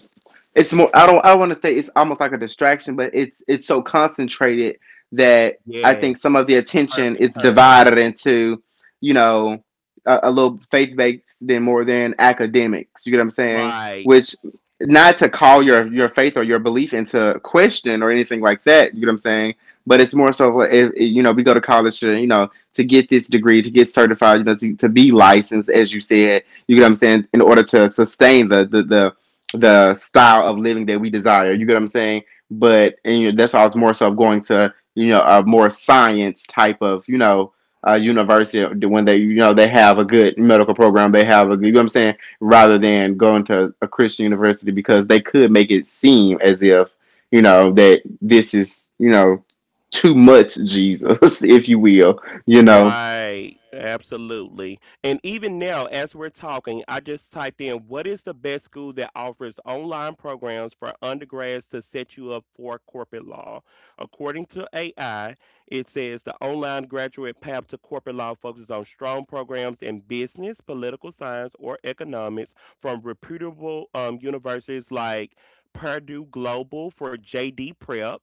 it's more, I don't, I don't want to say it's almost like a distraction, but it's so concentrated that I think Yes, some of the attention perfect is term. divided into, you know, a little faith-based than more than academics. You get what I'm saying? Right. Which, not to call your faith or your belief into question or anything like that. You get what I'm saying? But it's more so like if, you know, we go to college to, you know, to get this degree to get certified, you know, to be licensed, as you said. You get what I'm saying? In order to sustain the the style of living that we desire. You get what I'm saying? But and you know, that's why I was more so going to, you know, a more science type of, you know, university when they, you know, they have a good medical program, they have a good, you know what I'm saying, rather than going to a Christian university because they could make it seem as if, you know, that this is, you know, too much Jesus, if you will, you know. Right, absolutely. And even now, as we're talking, I just typed in what is the best school that offers online programs for undergrads to set you up for corporate law? According to AI, it says the online graduate path to corporate law focuses on strong programs in business, political science, or economics from reputable universities like Purdue Global for JD Prep.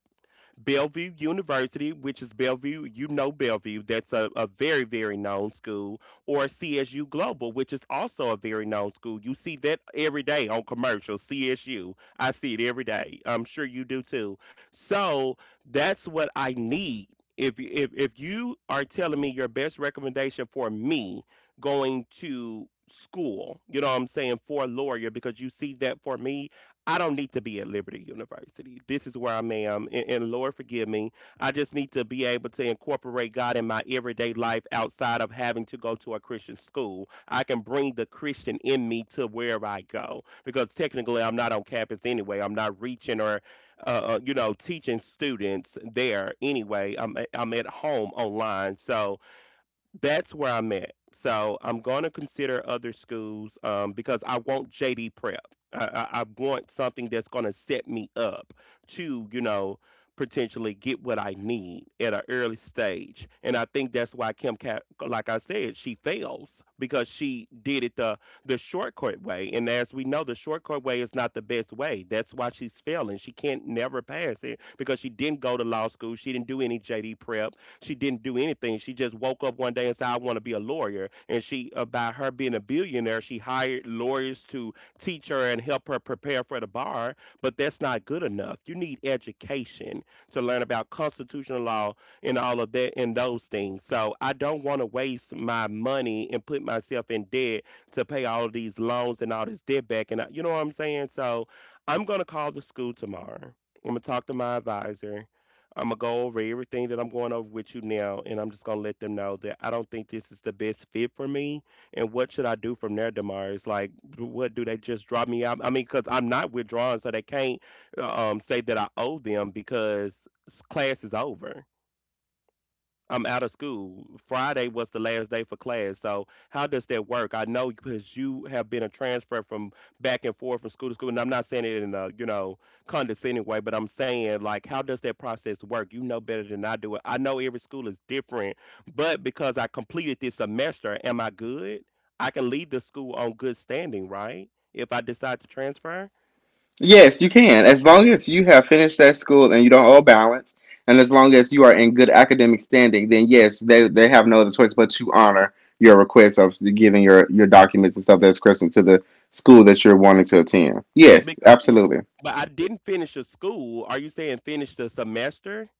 Bellevue University, which is Bellevue, you know Bellevue, that's a very, very known school, or CSU Global, which is also a very known school. You see that every day on commercials, CSU. I see it every day. I'm sure you do too. So that's what I need. If you are telling me your best recommendation for me going to school, you know what I'm saying, for a lawyer, because you see that for me, I don't need to be at Liberty University. This is where I am. And Lord, forgive me. I just need to be able to incorporate God in my everyday life outside of having to go to a Christian school. I can bring the Christian in me to where I go because technically I'm not on campus anyway. I'm not reaching or, you know, teaching students there anyway. I'm at home online. So, that's where I'm at. So I'm going to consider other schools because I want JD prep. I want something that's going to set me up to, you know, potentially get what I need at an early stage. And I think that's why Kim, like I said, she fails because she did it the shortcut way. And as we know, the shortcut way is not the best way. That's why she's failing. She can't never pass it because she didn't go to law school. She didn't do any JD prep, she didn't do anything. She just woke up one day and said, I want to be a lawyer. And she, by her being a billionaire, she hired lawyers to teach her and help her prepare for the bar. But that's not good enough. You need education to learn about constitutional law and all of that and those things. So I don't want to waste my money and put myself in debt to pay all of these loans and all this debt back. And I, you know what I'm saying? So I'm going to call the school tomorrow. I'm going to talk to my advisor. I'm gonna go over everything that I'm going over with you now, and I'm just gonna let them know that I don't think this is the best fit for me. And what should I do from there, Damaris? Like, what do they just drop me out? I mean, because I'm not withdrawing, so they can't say that I owe them because class is over. I'm out of school. Friday was the last day for class. So how does that work? I know because you have been a transfer from back and forth from school to school, and I'm not saying it in a you know condescending way, but I'm saying like how does that process work? You know better than I do it. I know every school is different, but because I completed this semester, am I good? I can leave the school on good standing, right? If I decide to transfer. Yes, you can. As long as you have finished that school and you don't owe a balance, and as long as you are in good academic standing, then yes, they have no other choice but to honor your request of giving your documents and stuff that's Christmas to the school that you're wanting to attend. Yes, Because, yeah, absolutely. but I didn't finish the school. Are you saying finish the semester?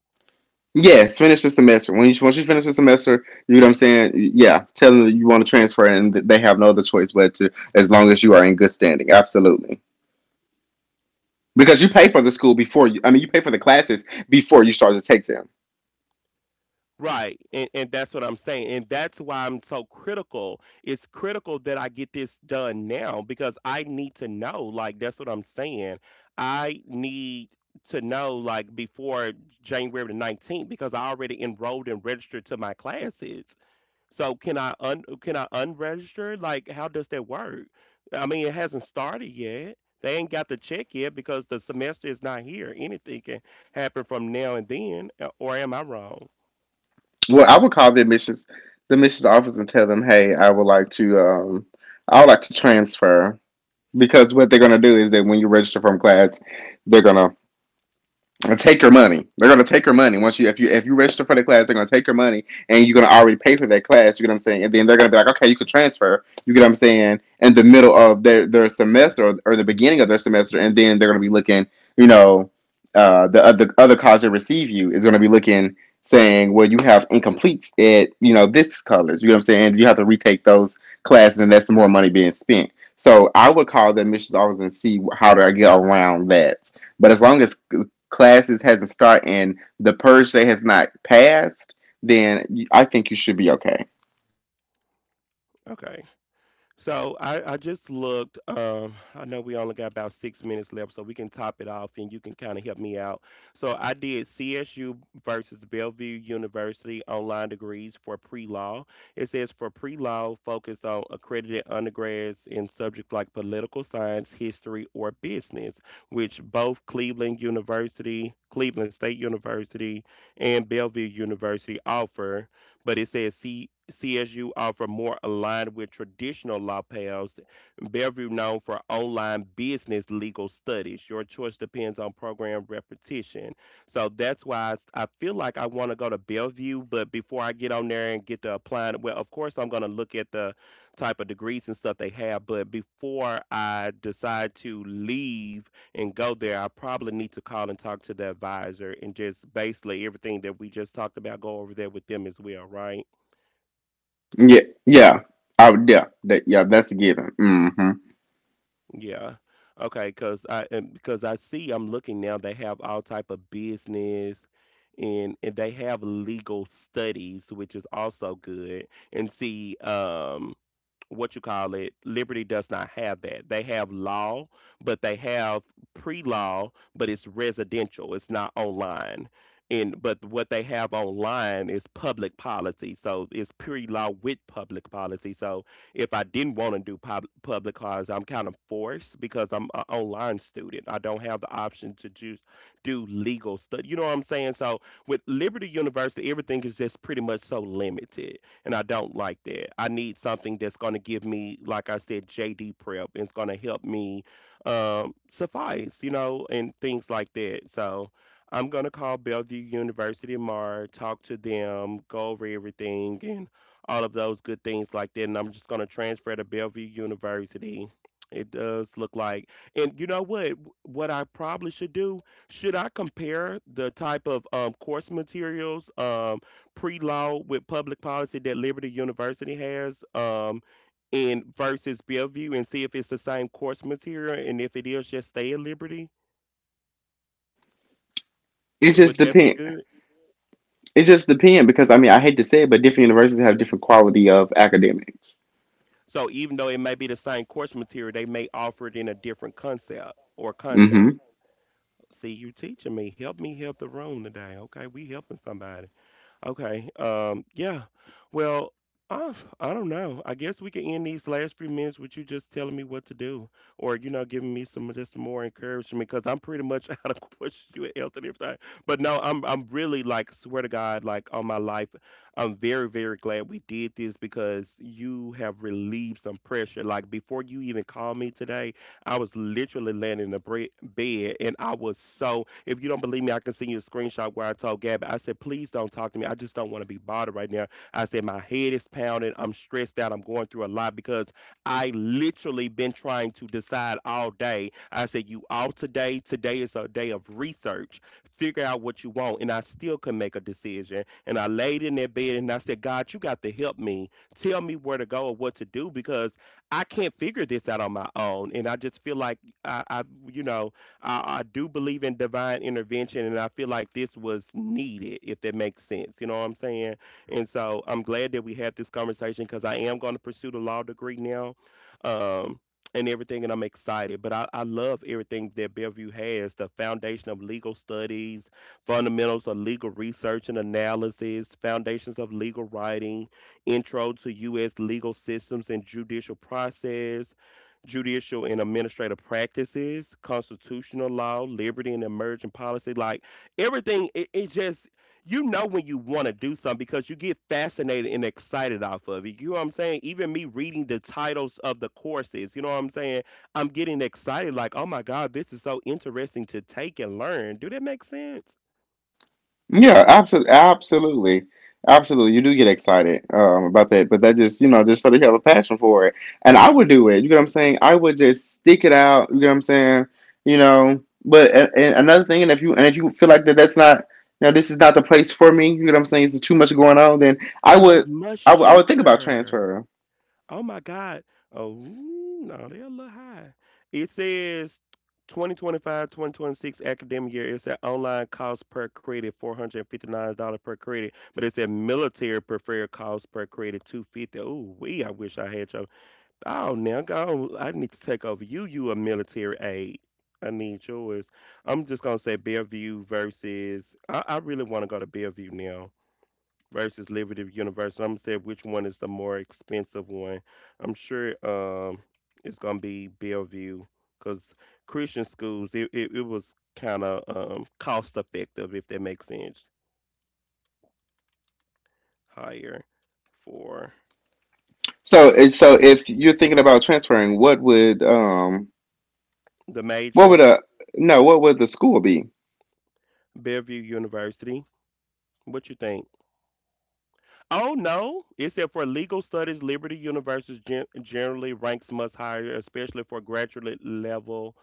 Yes, finish the semester. When you once you finish the semester, you know what I'm saying. Yeah, tell them that you want to transfer, and they have no other choice but to, as long as you are in good standing. Absolutely, because you pay for the school before you. I mean, you pay for the classes before you start to take them. Right. And that's what I'm saying. And that's why I'm so critical. It's critical that I get this done now because I need to know. Like, that's what I'm saying. I need to know, like, before January the 19th because I already enrolled and registered to my classes. So can I un can I unregister? Like, how does that work? I mean, it hasn't started yet. They ain't got the check yet because the semester is not here. Anything can happen from now and then, or am I wrong? Well, I would call the admissions office and tell them, "Hey, I would like to I would like to transfer." Because what they're gonna do is that when you register from class, they're gonna and take your money. They're gonna take your money once you if you if you register for the class, they're gonna take your money and you're gonna already pay for that class. You get what I'm saying? And then they're gonna be like, okay, you can transfer. You get what I'm saying? In the middle of their semester or the beginning of their semester, and then they're gonna be looking, you know, the other college that receive you is gonna be looking saying, well, you have incompletes at, you know, this college. You know what I'm saying? You have to retake those classes, and that's more money being spent. So I would call the admissions office and see how do I get around that. But as long as classes hasn't started and the purge day has not passed, then I think you should be okay. Okay. So I just looked. I know we only got about six minutes left, so we can top it off, and you can kind of help me out. So I did CSU versus Bellevue University online degrees for pre-law. It says for pre-law, focused on accredited undergrads in subjects like political science, history, or business, which both Cleveland University, Cleveland State University, and Bellevue University offer but it says CSU offer more aligned with traditional law paths. Bellevue known for online business legal studies. Your choice depends on program repetition. So that's why I feel like I want to go to Bellevue, but before I get on there and get to applying, well, of course I'm going to look at the type of degrees and stuff they have, but before I decide to leave and go there, I probably need to call and talk to the advisor and just basically everything that we just talked about go over there with them as well, right? Yeah, I would, yeah, that's a given. Hmm. Yeah. Okay, cuz I and because I see I'm looking now they have all type of business and they have legal studies, which is also good. And see what you call it, Liberty does not have that. They have law, but they have pre-law, but it's residential. It's not online. And but what they have online is public policy. So it's pre-law with public policy. So if I didn't want to do public cars, I'm kind of forced because I'm an online student. I don't have the option to just do legal study. You know what I'm saying? So with Liberty University, everything is just pretty much so limited and I don't like that. I need something that's going to give me, like I said, JD prep, and it's going to help me suffice, you know, and things like that. So I'm going to call Bellevue University tomorrow, talk to them, go over everything, and all of those good things like that. And I'm just going to transfer to Bellevue University. It does look like, and you know what? What I probably should do, should I compare the type of course materials pre-law with public policy that Liberty University has in versus Bellevue and see if it's the same course material and if it is just stay at Liberty? It Would just that be depends. good? It just depends because I mean I hate to say it, but different universities have different quality of academics. So even though it may be the same course material, they may offer it in a different concept or context. Hmm. See, you teaching me. Help me help the room today. Okay, we helping somebody. Okay. Yeah. Well, I, I don't know. I guess we can end these last few minutes with you just telling me what to do or, giving me some just more encouragement because I'm pretty much out of questions you health and everything. But no, I'm really like swear to God, like on my life, I'm very, very glad we did this because you have relieved some pressure. Like before you even called me today, I was literally laying in the bed and I was so if you don't believe me, I can send you a screenshot where I told Gabby, I said, please don't talk to me. I just don't want to be bothered right now. I said, my head is pounding. I'm stressed out. I'm going through a lot because I literally been trying to decide all day. I said, you out today. Today is a day of research. Figure out what you want. And I still could make a decision. And I laid in that bed and I said, God, you got to help me. Tell me where to go or what to do because I can't figure this out on my own. And I just feel like I you know, I do believe in divine intervention, and I feel like this was needed, if that makes sense. You know what I'm saying? And so I'm glad that we had this conversation because I am going to pursue the law degree now. Um, and everything, and I'm excited. But I love everything that Bellevue has, the foundation of legal studies, fundamentals of legal research and analysis, foundations of legal writing, intro to U.S. legal systems and judicial process, judicial and administrative practices, constitutional law, liberty and emerging policy, like everything. It just you know when you want to do something because you get fascinated and excited off of it. You know what I'm saying? Even me reading the titles of the courses, you know what I'm saying? I'm getting excited, like, oh my god, this is so interesting to take and learn. Do that make sense? Yeah, absolutely, absolutely. You do get excited about that, but that just, you know, just so that you have a passion for it. And I would do it. You get what I'm saying? I would just stick it out. You get what I'm saying? You know. But and another thing, and if you feel like that that's not now this is not the place for me. You get what I'm saying? It's too much going on. Then And they much I would think about cheaper. transferring. Oh my God. Oh, no, they're a little high. It says 2025 2026 academic year. It's said online cost per credit $459 per credit, but it said military preferred cost per credit 250. Oh, we, I wish I had your. Oh, now go. I need to take over you. You a military aide. I need yours. I'm just going to say Bellevue versus. I really want to go to Bellevue now versus Liberty University. I'm gonna say which one is the more expensive one. I'm sure it's gonna be Bellevue because Christian schools it was kind of cost effective if that makes sense, higher for So so if you're thinking about transferring, the what would major. a no what would the school be? Bellevue University. What you think? Oh no! It said for legal studies, Liberty University generally ranks much higher, especially for graduate level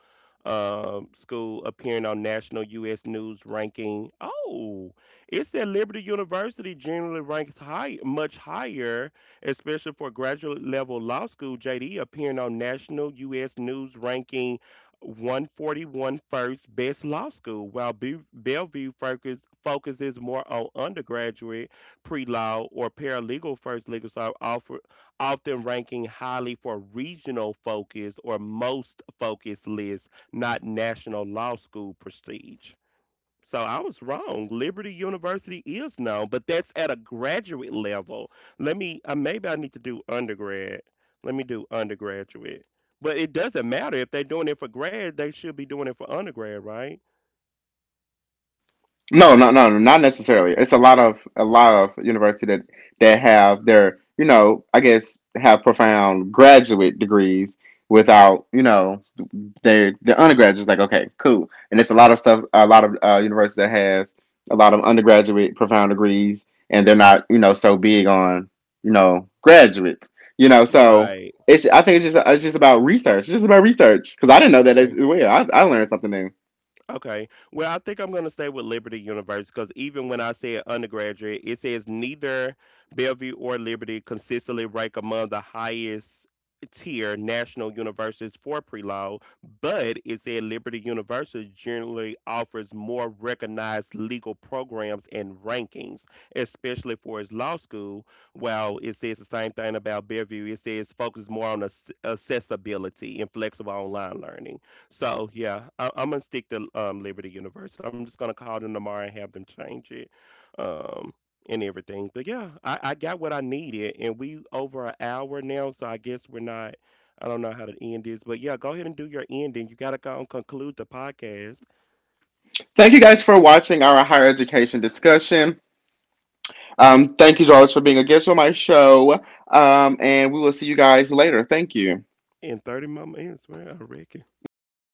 school appearing on national U.S. news ranking. Oh, it said Liberty University generally ranks high, much higher, especially for graduate level law school JD appearing on national U.S. news ranking 141 first best law school, while Bellevue focuses more on undergraduate pre-law or paralegal first legal are offer, often ranking highly for regional focus or most focused lists, not national law school prestige. So I was wrong. Liberty University is known, but that's at a graduate level. Let me, maybe I need to do undergrad. Let me do undergraduate. But it doesn't matter if they're doing it for grad, they should be doing it for undergrad, right? No, no, no, no, not necessarily. It's a lot of university that that have their, you know, I guess have profound graduate degrees without, you know, their undergraduates like okay, cool. And it's a lot of stuff a lot of universities that has a lot of undergraduate profound degrees and they're not, you know, so big on, you know, graduates. You know, so Right. it's I think it's just about research. It's just about research cuz I didn't know that as well. I learned something new. Okay. Well, I think I'm going to stay with Liberty University because even when I said undergraduate, it says neither Bellevue or Liberty consistently rank among the highest tier national universities for pre-law, but it said Liberty University generally offers more recognized legal programs and rankings, especially for its law school. While it says the same thing about Bellevue, it says focus more on accessibility and flexible online learning. So yeah, I'm gonna stick to Liberty University. I'm just gonna call them tomorrow and have them change it, um, and everything. But yeah, I got what I needed, and we over an hour now, so I guess we're not. I don't know how to end this, but yeah, go ahead and do your ending. You gotta go and conclude the podcast Thank you guys for watching our higher education discussion. Thank you, George, for being a guest on my show. And we will see you guys later. Thank you. in 30 more minutes, well, I reckon.